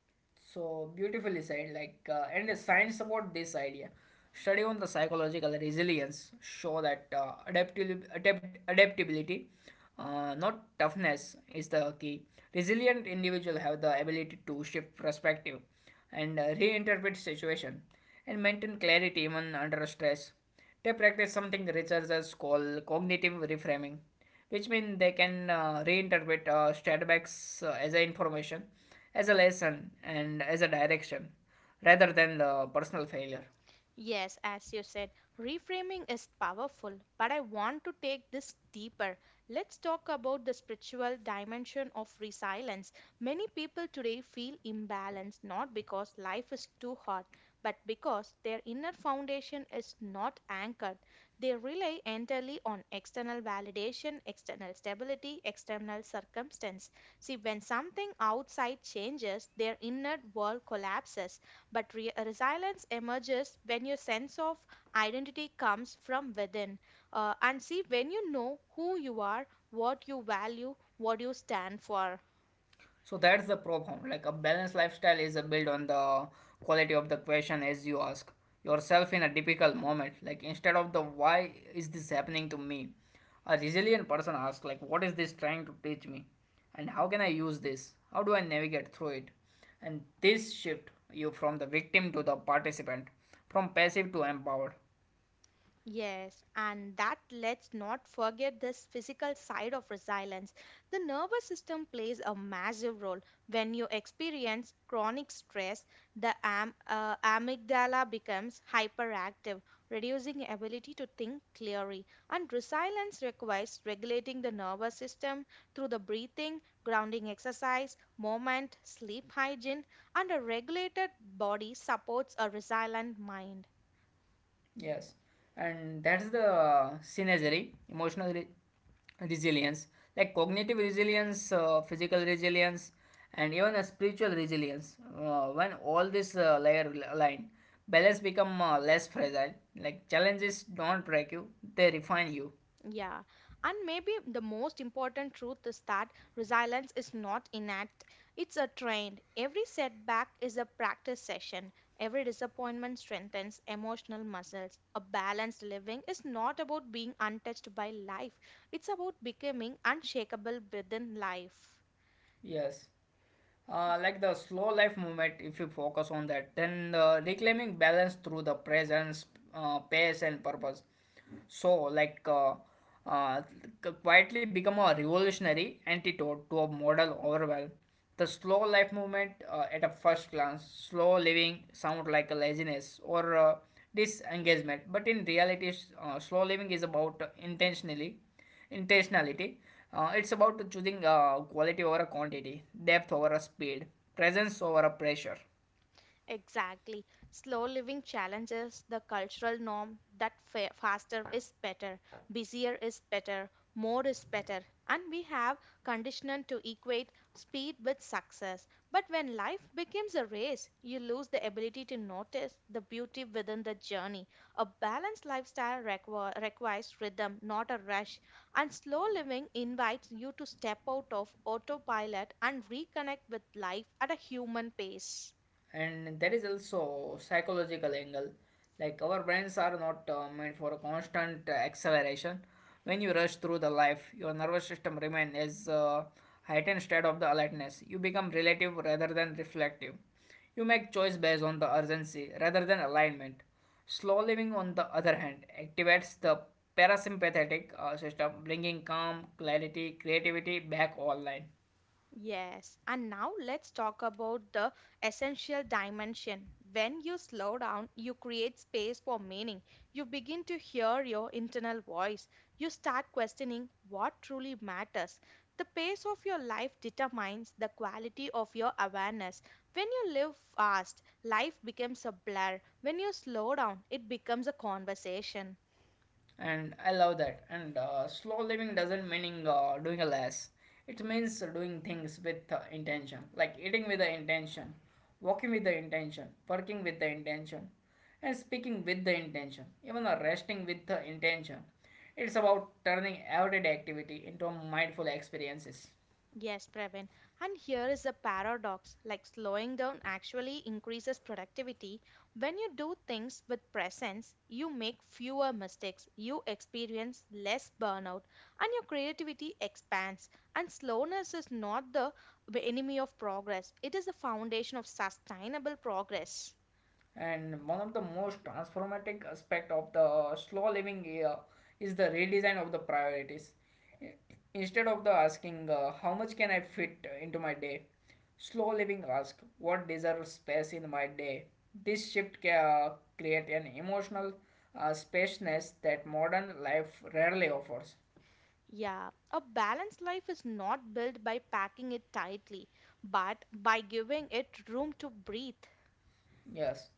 A: So beautifully said. Like, uh, and the science about this idea, study on the psychological resilience show that uh, adaptil- adapt- adaptability, uh, not toughness, is the key. Resilient individual have the ability to shift perspective, and uh, reinterpret situation, and maintain clarity even under stress. They practice something researchers call cognitive reframing, which means they can uh, reinterpret uh, setbacks uh, as a information, as a lesson, and as a direction, rather than the personal failure.
B: Yes, as you said, reframing is powerful, but I want to take this deeper. Let's talk about the spiritual dimension of resilience. Many people today feel imbalanced not because life is too hard, but because their inner foundation is not anchored. They rely entirely on external validation, external stability, external circumstance. See, when something outside changes, their inner world collapses but re- resilience emerges when your sense of identity comes from within. Uh, and see, when you know who you are, what you value, what you stand for.
A: So that's the problem. Like a balanced lifestyle is a build on the quality of the question as you ask yourself in a difficult moment. Like instead of the why is this happening to me, a resilient person asks like what is this trying to teach me, and how can I use this? How do I navigate through it? And this shift you from the victim to the participant, from passive to empowered.
B: Yes, and that let's not forget this physical side of resilience. The nervous system plays a massive role. When you experience chronic stress, the am- uh, amygdala becomes hyperactive, reducing ability to think clearly. And resilience requires regulating the nervous system through the breathing, grounding exercise, movement, sleep hygiene, and a regulated body supports a resilient mind.
A: Yes, and that's the synergy, emotional re- resilience, like cognitive resilience, uh, physical resilience, and even a spiritual resilience. Uh, when all this uh, layer align, balance become uh, less fragile. Like challenges don't break you; they refine you.
B: Yeah, and maybe the most important truth is that resilience is not innate, it's a trained. Every setback is a practice session, every disappointment strengthens emotional muscles. A balanced living is not about being untouched by life, it's about becoming unshakable within life.
A: Yes. Uh, like the slow life movement, if you focus on that, then the reclaiming balance through the presence, uh, pace, and purpose. So, like, uh, uh, c- quietly become a revolutionary antidote to a model overwhelm. The slow life movement, uh, at a first glance, slow living sound like a laziness or uh, disengagement, but in reality, s- uh, slow living is about uh, intentionally. Intentionality. Uh, it's about choosing uh, quality over a quantity, depth over a speed, presence over a pressure.
B: Exactly. Slow living challenges the cultural norm that fa- faster is better, busier is better, more is better. And we have conditioned to equate speed with success. But when life becomes a race, you lose the ability to notice the beauty within the journey. A balanced lifestyle requ- requires rhythm, not a rush. And slow living invites you to step out of autopilot and reconnect with life at a human pace.
A: And there is also psychological angle, like our brains are not uh, meant for a constant uh, acceleration. When you rush through the life, your nervous system remains as uh, heightened state of the alertness. You become relative rather than reflective. You make choice based on the urgency rather than alignment. Slow living, on the other hand, activates the parasympathetic uh, system, bringing calm, clarity, creativity back online.
B: Yes, and now let's talk about the essential dimension. When you slow down, you create space for meaning. You begin to hear your internal voice. You start questioning what truly matters. The pace of your life determines the quality of your awareness. When you live fast, life becomes a blur. When you slow down, it becomes a conversation.
A: And I love that. And uh, slow living doesn't mean uh, doing less, it means doing things with uh, intention, like eating with the intention, walking with the intention, working with the intention, and speaking with the intention, even uh, resting with the intention. It's about turning everyday activity into mindful experiences.
B: Yes, Pravin. And here is a paradox like slowing down actually increases productivity. When you do things with presence, you make fewer mistakes, you experience less burnout, and your creativity expands. And slowness is not the enemy of progress, it is the foundation of sustainable progress.
A: And one of the most transformative aspect of the slow living uh, is the redesign of the priorities. Instead of the asking uh, how much can I fit into my day, slow living ask what deserves space in my day. This shift can uh, create an emotional uh, spaciousness that modern life rarely offers.
B: Yeah, a balanced life is not built by packing it tightly, but by giving it room to breathe.
A: Yes,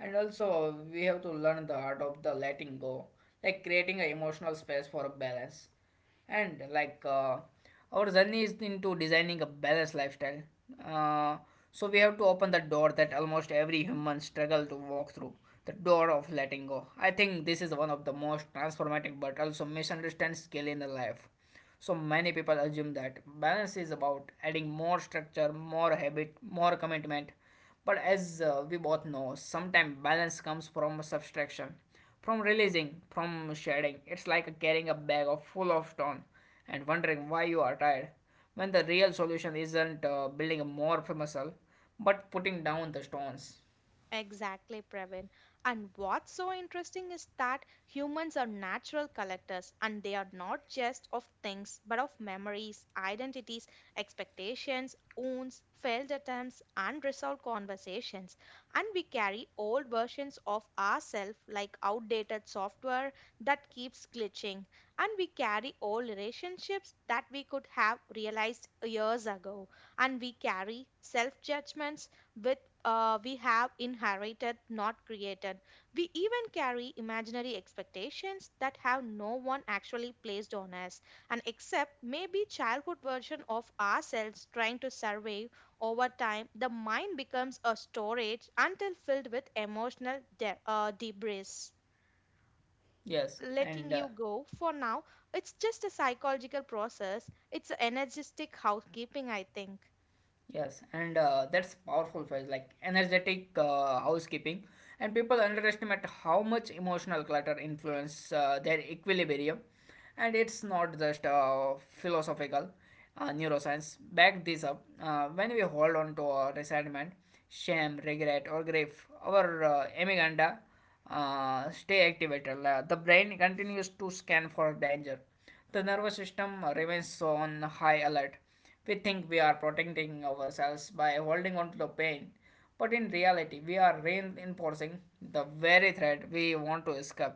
A: and also we have to learn the art of the letting go, like creating an emotional space for a balance. And like uh, our journey is into designing a balanced lifestyle. Uh, so we have to open the door that almost every human struggle to walk through, the door of letting go. I think this is one of the most transformative but also misunderstood skill in the life. So many people assume that balance is about adding more structure, more habit, more commitment. But as uh, we both know, sometimes balance comes from subtraction, from releasing, from shedding. It's like carrying a bag of full of stone and wondering why you are tired when the real solution isn't uh, building a more muscle but putting down the stones.
B: Exactly, Pravin. And what's so interesting is that humans are natural collectors and they are not just of things but of memories, identities, expectations, wounds, failed attempts, unresolved conversations. And we carry old versions of ourselves like outdated software that keeps glitching. And we carry old relationships that we could have realized years ago. And we carry self judgments with uh, we have inherited, not created. We even carry imaginary expectations that have no one actually placed on us, and except maybe childhood version of ourselves trying to survive over time, the mind becomes a storage until filled with emotional de- uh, debris.
A: Yes, and
B: Letting
A: uh,
B: you go for now, it's just a psychological process. It's energetic housekeeping, I think.
A: Yes, and uh, that's powerful phrase like energetic uh, housekeeping. And people underestimate how much emotional clutter influence uh, their equilibrium. And it's not just uh, philosophical. Uh, neuroscience back this up. Uh, when we hold on to our resentment, shame, regret, or grief, our uh, amygdala uh, stay activated. La- The brain continues to scan for danger. The nervous system remains on high alert. We think we are protecting ourselves by holding on to the pain, but in reality, we are reinforcing the very threat we want to escape.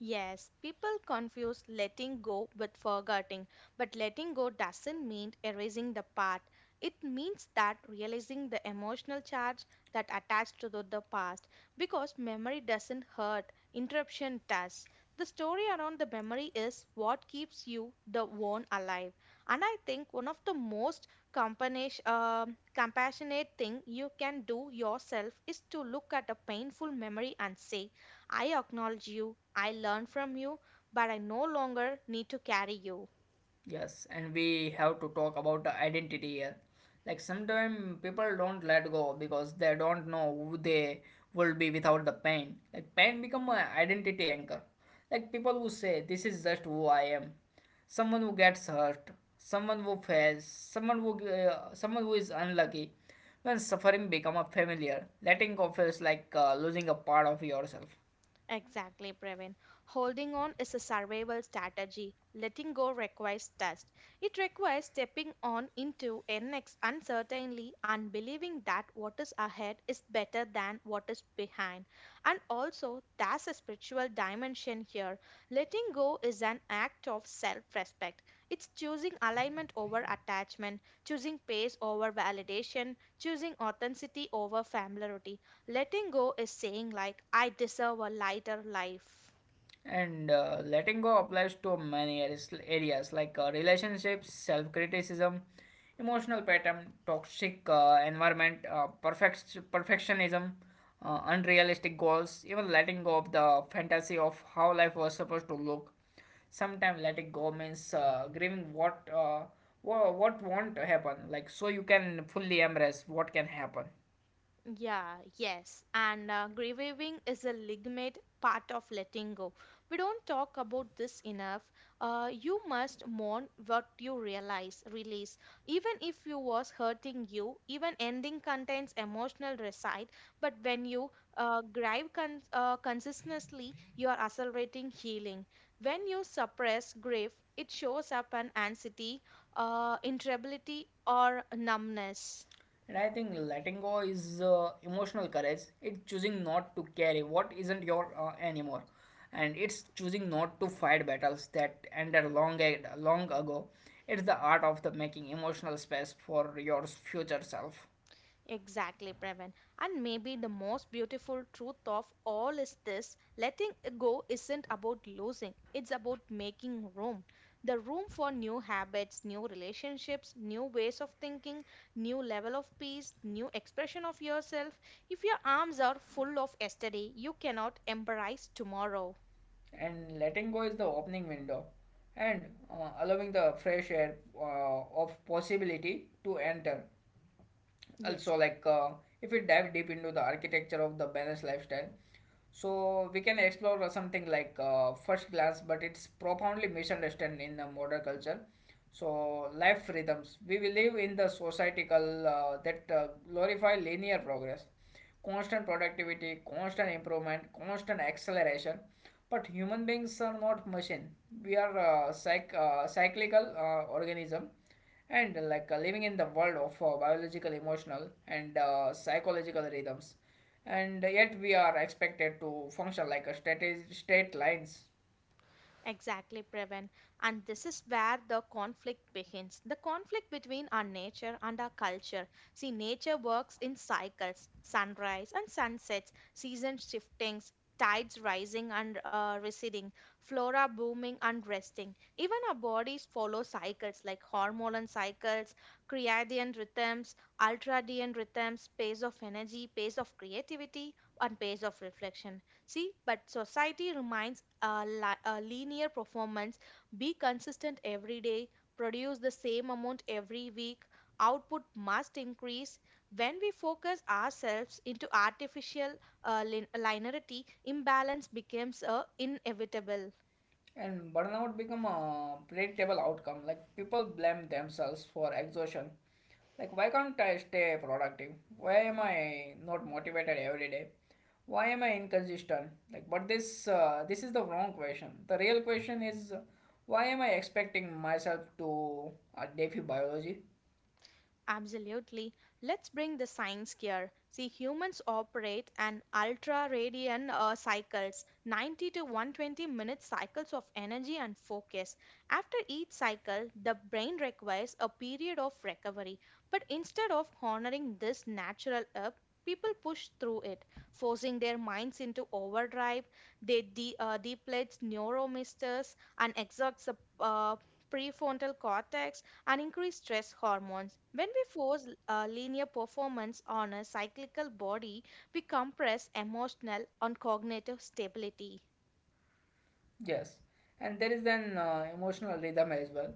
B: Yes, people confuse letting go with forgetting, but letting go doesn't mean erasing the past. It means that realizing the emotional charge that attached to the, the past because memory doesn't hurt, interruption does. The story around the memory is what keeps you the one alive. And I think one of the most companish- um compassionate thing you can do yourself is to look at a painful memory and say, I acknowledge you, I learn from you, but I no longer need to carry you.
A: Yes, and we have to talk about the identity here. Like sometimes people don't let go because they don't know who they will be without the pain. Like pain become an identity anchor. Like people who say this is just who I am. Someone who gets hurt, someone who fails, someone who uh, someone who is unlucky. When suffering become a familiar, letting go feels like uh, losing a part of yourself.
B: Exactly, Praveen. Holding on is a survival strategy. Letting go requires trust. It requires stepping on into an ex- uncertainty and believing that what is ahead is better than what is behind. And also, there's a spiritual dimension here. Letting go is an act of self respect. It's choosing alignment over attachment, choosing pace over validation, choosing authenticity over familiarity. Letting go is saying, like, I deserve a lighter life.
A: And uh, letting go applies to many areas areas like uh, relationships, self criticism, emotional pattern, toxic uh, environment, uh, perfect, perfectionism, uh, unrealistic goals, even letting go of the fantasy of how life was supposed to look. Sometimes letting go means uh, grieving what, uh, wha- what won't happen, like so you can fully embrace what can happen.
B: Yeah, yes. And uh, grieving is a legitimate part of letting go. We don't talk about this enough. Uh, you must mourn what you realize, release. Even if you was hurting you, even ending contains emotional reside. But when you uh, grieve con- uh, consistently, you are accelerating healing. When you suppress grief, it shows up an anxiety, uh, irritability, or numbness.
A: And I think letting go is uh, emotional courage. It's choosing not to carry what isn't your uh, anymore, and it's choosing not to fight battles that ended long ag- long ago. It's the art of the making emotional space for your future self.
B: Exactly, Previn. And maybe the most beautiful truth of all is this letting go isn't about losing, it's about making room. The room for new habits, new relationships, new ways of thinking, new level of peace, new expression of yourself. If your arms are full of yesterday, you cannot embrace tomorrow.
A: And letting go is the opening window, and uh, allowing the fresh air uh, of possibility to enter.
B: Yes.
A: Also like uh, if we dive deep into the architecture of the balanced lifestyle, so we can explore something like uh, first glance, but it's profoundly misunderstood in the modern culture. So life rhythms, we will live in the societal uh, that uh, glorify linear progress, constant productivity, constant improvement, constant acceleration. But human beings are not machine. We are uh, psych- uh, cyclical uh, organism, and uh, like uh, living in the world of uh, biological, emotional, and uh, psychological rhythms. And yet we are expected to function like a state state lines.
B: Exactly, Previn. And this is where the conflict begins. The conflict between our nature and our culture. See, nature works in cycles sunrise and sunsets, season shiftings, tides rising and uh, receding, flora booming and resting. Even our bodies follow cycles like hormonal cycles, circadian rhythms, ultradian rhythms, pace of energy, pace of creativity, and pace of reflection. See, but society reminds a, li- a linear performance be consistent every day, produce the same amount every week, output must increase. When we focus ourselves into artificial uh, lin- linearity, imbalance becomes uh, inevitable.
A: And burnout become a predictable outcome. Like people blame themselves for exhaustion. Like why can't I stay productive? Why am I not motivated every day? Why am I inconsistent? Like but this uh, this is the wrong question. The real question is why am I expecting myself to uh, defy biology?
B: Absolutely. Let's bring the science here. See, humans operate an ultra radian uh, cycles, ninety to one hundred twenty minute cycles of energy and focus. After each cycle, the brain requires a period of recovery. But instead of honoring this natural up, people push through it, forcing their minds into overdrive. They de- uh, deplete neuromusculars and exhaust the uh, prefrontal cortex and increase stress hormones. When we force uh, linear performance on a cyclical body, we compress emotional and cognitive stability.
A: Yes, and there is an uh, emotional rhythm as well.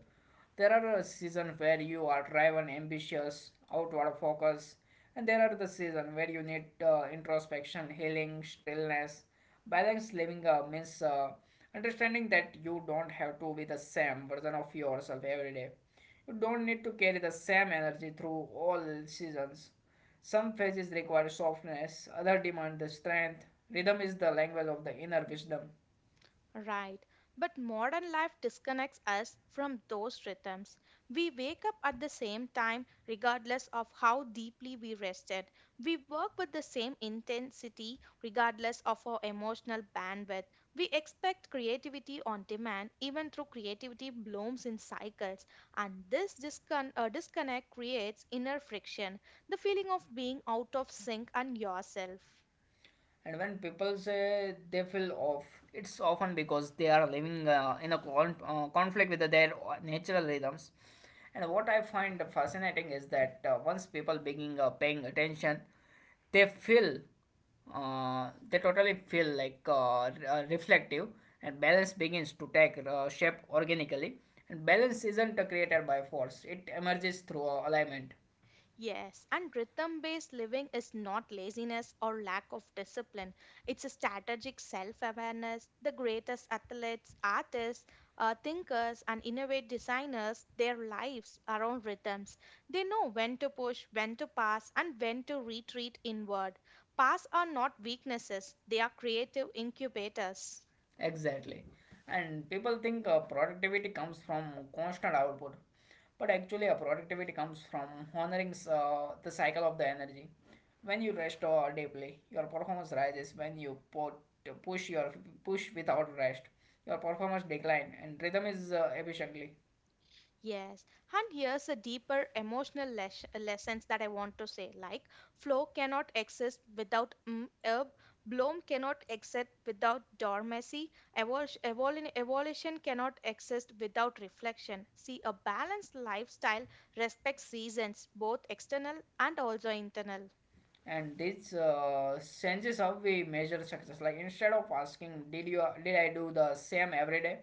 A: There are uh, seasons where you are driven, ambitious, outward focus, and there are the seasons where you need uh, introspection, healing, stillness. Balanced living uh, means uh, understanding that you don't have to be the same version of yourself every day. You don't need to carry the same energy through all seasons. Some phases require softness, other demand the strength. Rhythm is the language of the inner wisdom.
B: Right, but modern life disconnects us from those rhythms. We wake up at the same time, regardless of how deeply we rested. We work with the same intensity, regardless of our emotional bandwidth. We expect creativity on demand, even though creativity blooms in cycles. And this discon- uh, disconnect creates inner friction, the feeling of being out of sync and yourself.
A: And when people say they feel off, it's often because they are living uh, in a con- uh, conflict with their natural rhythms. And what I find fascinating is that uh, once people begin uh, paying attention, they feel uh, they totally feel like uh, re- uh, reflective, and balance begins to take uh, shape organically. And balance isn't uh, created by force, it emerges through uh, alignment.
B: Yes, and rhythm based living is not laziness or lack of discipline. It's a strategic self awareness. The greatest athletes, artists, uh, thinkers, and innovative designers, their lives around rhythms. They know when to push, when to pass, and when to retreat inward. Pass are not weaknesses, they are creative incubators.
A: Exactly. And people think uh, productivity comes from constant output, but actually, uh, productivity comes from honoring uh, the cycle of the energy. When you rest uh, deeply, your performance rises. When you put, push your push without rest, your performance decline. And rhythm is uh, efficiently.
B: Yes, and here's a deeper emotional les- lessons that I want to say. Like flow cannot exist without mm, herb, bloom cannot exist without dormancy, evol- evol- evolution cannot exist without reflection. See, a balanced lifestyle respects seasons, both external and also internal.
A: And this uh, changes how we measure success, like instead of asking did you did i do the same every day,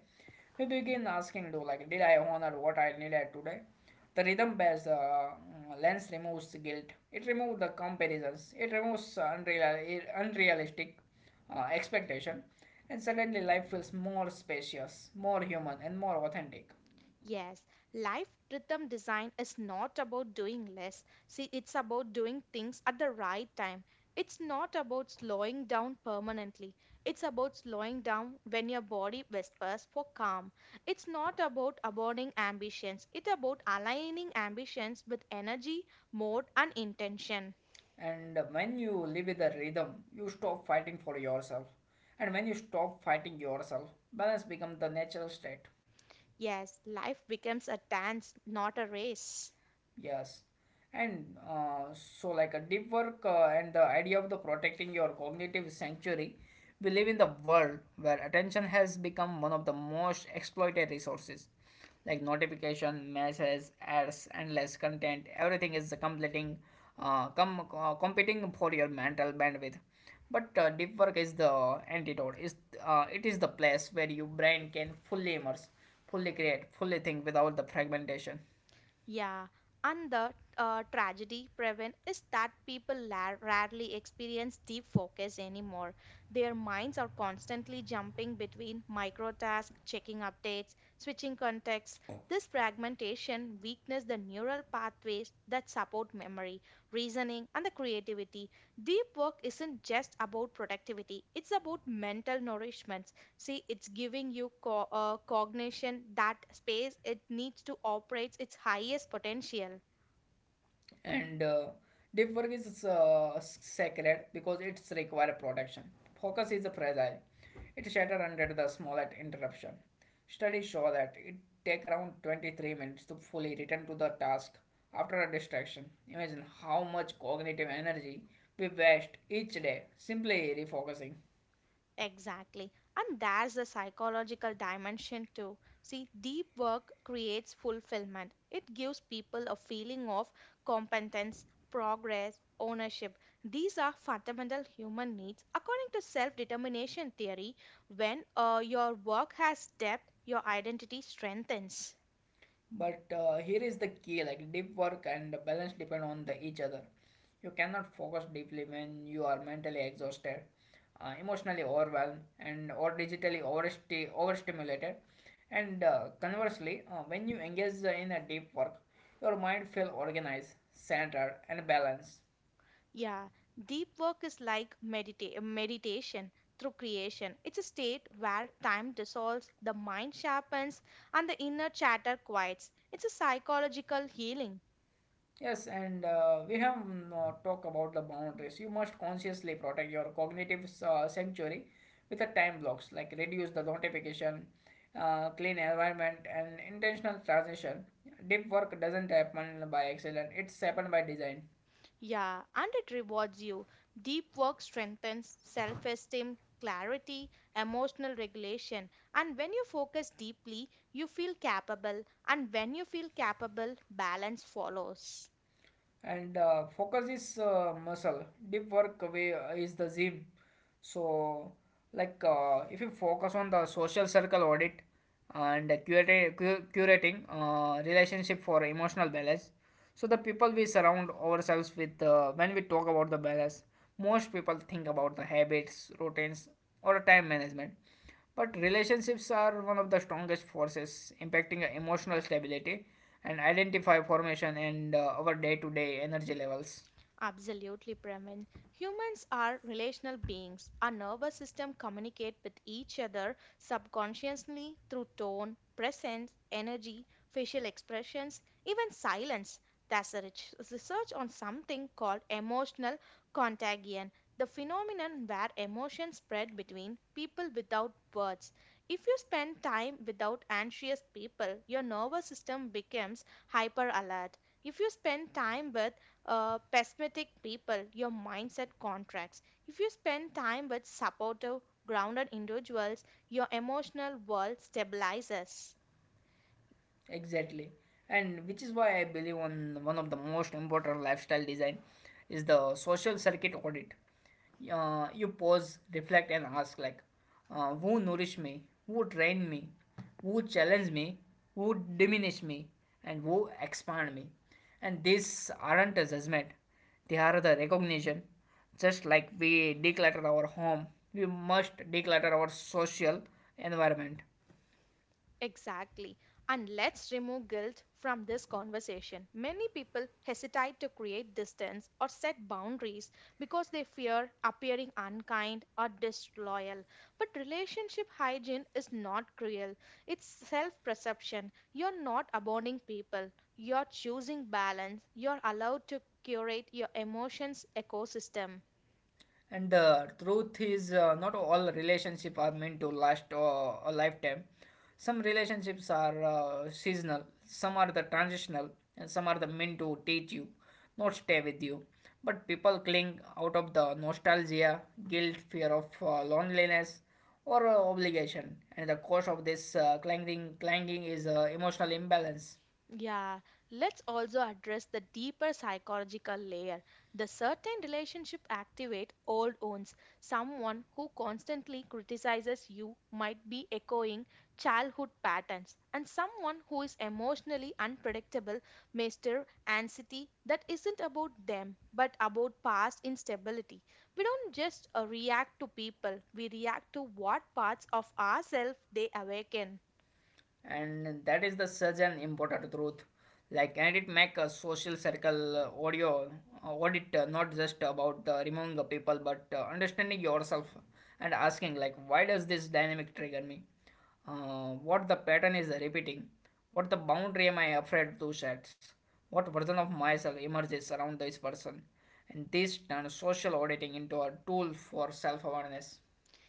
A: we begin asking do like did I honor what I needed today. The rhythm based uh, lens removes guilt, it removes the comparisons, it removes unreal, unrealistic uh, expectation, and suddenly life feels more spacious, more human, and more authentic.
B: Yes, life rhythm design is not about doing less. See, it's about doing things at the right time. It's not about slowing down permanently. It's about slowing down when your body whispers for calm. It's not about abandoning ambitions. It's about aligning ambitions with energy, mode, and intention.
A: And when you live with a rhythm, you stop fighting for yourself, and when you stop fighting yourself, balance becomes the natural state.
B: Yes, life becomes a dance, not a race.
A: Yes, and uh, so like a deep work uh, and the idea of the protecting your cognitive sanctuary, we live in the world where attention has become one of the most exploited resources. Like notification, messages, ads, endless content, everything is completing, uh, com- uh, competing for your mental bandwidth. But uh, deep work is the antidote. Is uh, it is the place where your brain can fully immerse, fully create, fully think without the fragmentation.
B: Yeah, and the uh, tragedy, prevent is that people la- rarely experience deep focus anymore. Their minds are constantly jumping between micro tasks, checking updates, switching contexts. This fragmentation weakens the neural pathways that support memory, reasoning, and the creativity. Deep work isn't just about productivity, it's about mental nourishment. See, it's giving you co- uh, cognition that space it needs to operate its highest potential.
A: And uh, deep work is uh, sacred because it's require protection. Focus is fragile; it shattered under the smallest interruption. Studies show that it takes around twenty-three minutes to fully return to the task after a distraction. Imagine how much cognitive energy we waste each day simply refocusing.
B: Exactly. And there's the psychological dimension too. See, deep work creates fulfillment, it gives people a feeling of competence, progress, ownership. These are fundamental human needs. According to self determination theory, when uh, your work has depth, your identity strengthens.
A: But uh, here is the key, like deep work and balance depend on the each other. You cannot focus deeply when you are mentally exhausted, uh, emotionally overwhelmed, and or digitally oversti- overstimulated. And uh, conversely, uh, when you engage in a deep work, your mind feel organized, centered, and balanced.
B: Yeah, deep work is like medita- meditation through creation. It's a state where time dissolves, the mind sharpens, and the inner chatter quiets. It's a psychological healing.
A: Yes, and uh, we have mm, uh, talked about the boundaries. You must consciously protect your cognitive uh, sanctuary with the time blocks, like reduce the notification, uh, clean environment, and intentional transition. Deep work doesn't happen by accident; it's happened by design.
B: Yeah, and it rewards you. Deep work strengthens self esteem, clarity, emotional regulation. And when you focus deeply, you feel capable. And when you feel capable, balance follows.
A: And uh, focus is uh, muscle, deep work way uh, is the gym. So like uh, if you focus on the social circle audit and uh, curate, cu- curating uh, relationship for emotional balance. So the people we surround ourselves with, uh, when we talk about the balance, most people think about the habits routines or time management, but relationships are one of the strongest forces impacting emotional stability and identity formation and uh, our day to day energy levels.
B: Absolutely, Pravin. Humans are relational beings. Our nervous system communicate with each other subconsciously through tone, presence, energy, facial expressions, even silence. There's a rich- research on something called emotional contagion, the phenomenon where emotions spread between people without words. If you spend time without anxious people, your nervous system becomes hyper alert. If you spend time with uh, pessimistic people, your mindset contracts. If you spend time with supportive, grounded individuals, your emotional world stabilizes.
A: Exactly. And which is why I believe on one of the most important lifestyle design is the social circuit audit. Uh, you pause, reflect, and ask like, uh, who nourish me, who train me, who challenge me, who diminish me, and who expand me. And these aren't a judgment; they are the recognition. Just like we declutter our home, we must declutter our social environment.
B: Exactly. And let's remove guilt from this conversation. Many people hesitate to create distance or set boundaries because they fear appearing unkind or disloyal. But relationship hygiene is not cruel, it's self perception. You're not abandoning people, you're choosing balance, you're allowed to curate your emotions ecosystem.
A: And the truth is, uh, not all relationships are meant to last uh, a lifetime. Some relationships are uh, seasonal, some are the transitional, and some are the meant to teach you, not stay with you. But people cling out of the nostalgia, guilt, fear of uh, loneliness, or uh, obligation. And the cause of this uh, clanging, clanging is uh, emotional imbalance.
B: Yeah, let's also address the deeper psychological layer. The certain relationship activate old wounds. Someone who constantly criticizes you might be echoing childhood patterns, and someone who is emotionally unpredictable may stir anxiety that isn't about them but about past instability. We don't just uh, react to people; we react to what parts of ourselves they awaken.
A: And that is the such an important truth, like, and it make a social circle uh, audio uh, audit uh, not just about uh, removing the people but uh, understanding yourself, and asking like why does this dynamic trigger me, uh, what the pattern is repeating, what the boundary am I afraid to set, what version of myself emerges around this person. And this turns social auditing into a tool for self-awareness.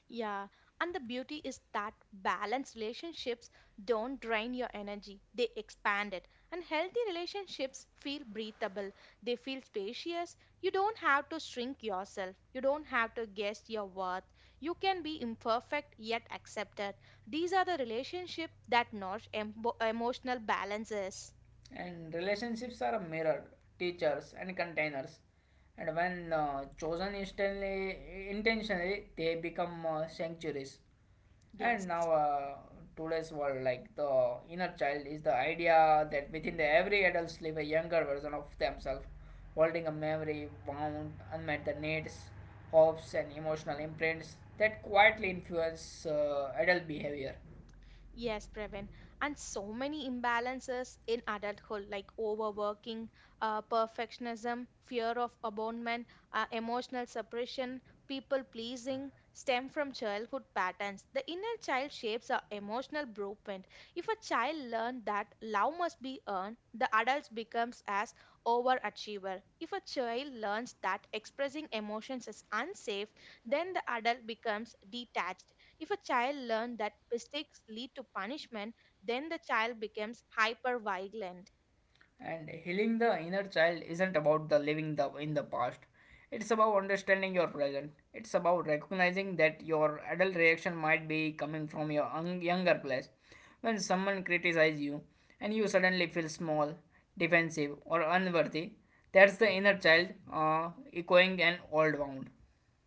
B: Yeah, and the beauty is that balanced relationships don't drain your energy, they expand it. And healthy relationships feel breathable, they feel spacious. You don't have to shrink yourself, you don't have to guess your worth. You can be imperfect yet accepted. These are the relationships that nourish emo emotional balances.
A: And relationships are a mirror, teachers, and containers. And when uh, chosen instantly, intentionally, they become uh, sanctuaries. And
B: Yes.
A: now, uh, today's world, like the inner child, is the idea that within the every adult live a younger version of themselves, holding a memory bound unmet the needs, hopes, and emotional imprints that quietly influence uh, adult behavior.
B: Yes, Previn. And so many imbalances in adulthood, like overworking, uh, perfectionism, fear of abandonment, uh, emotional suppression, people pleasing, stem from childhood patterns. The inner child shapes our emotional blueprint. If a child learns that love must be earned, the adult becomes as overachiever. If a child learns that expressing emotions is unsafe, then the adult becomes detached. If a child learns that mistakes lead to punishment, then the child becomes hyper vigilant.
A: And healing the inner child isn't about the living the in the past. It's about understanding your present. It's about recognizing that your adult reaction might be coming from your un- younger place. When someone criticizes you and you suddenly feel small, defensive, or unworthy, that's the inner child uh, echoing an old wound.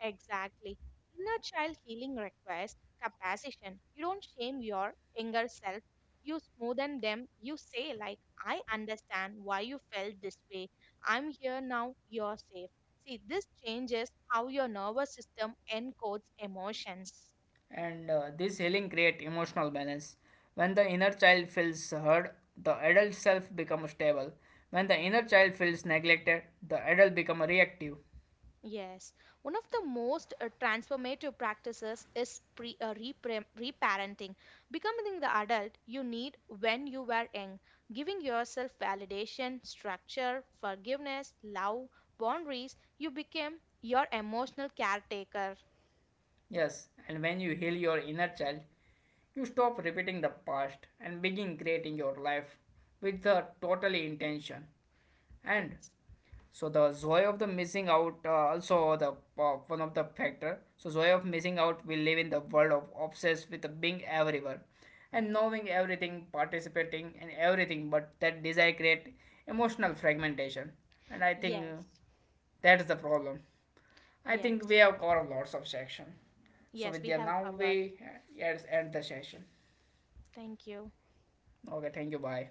B: Exactly. Inner child healing requires compassion. You don't shame your younger self. You smoothen them. You say, like, I understand why you felt this way. I'm here now. You're safe. See, this changes how your nervous system encodes emotions.
A: And uh, this healing creates emotional balance. When the inner child feels heard, the adult self becomes stable. When the inner child feels neglected, the adult becomes reactive.
B: Yes, one of the most uh, transformative practices is pre uh, repre- reparenting. Becoming the adult you need when you were young, giving yourself validation, structure, forgiveness, love, boundaries, you became your emotional caretaker.
A: Yes, and when you heal your inner child, you stop repeating the past and begin creating your life with the totally intention. And
B: Yes.
A: so the joy of the missing out uh, also the uh, one of the factor, so joy of missing out, we live in the world of obsessed with being everywhere and knowing everything participating in everything, but that desire create emotional fragmentation. And I think uh,
B: Yes.
A: that is the problem. I think
B: Yes.
A: we have covered lots of section. So
B: Yes,
A: with
B: we
A: yeah,
B: have
A: now
B: covered.
A: we uh, yes end the session.
B: Thank you.
A: Okay, thank you, bye.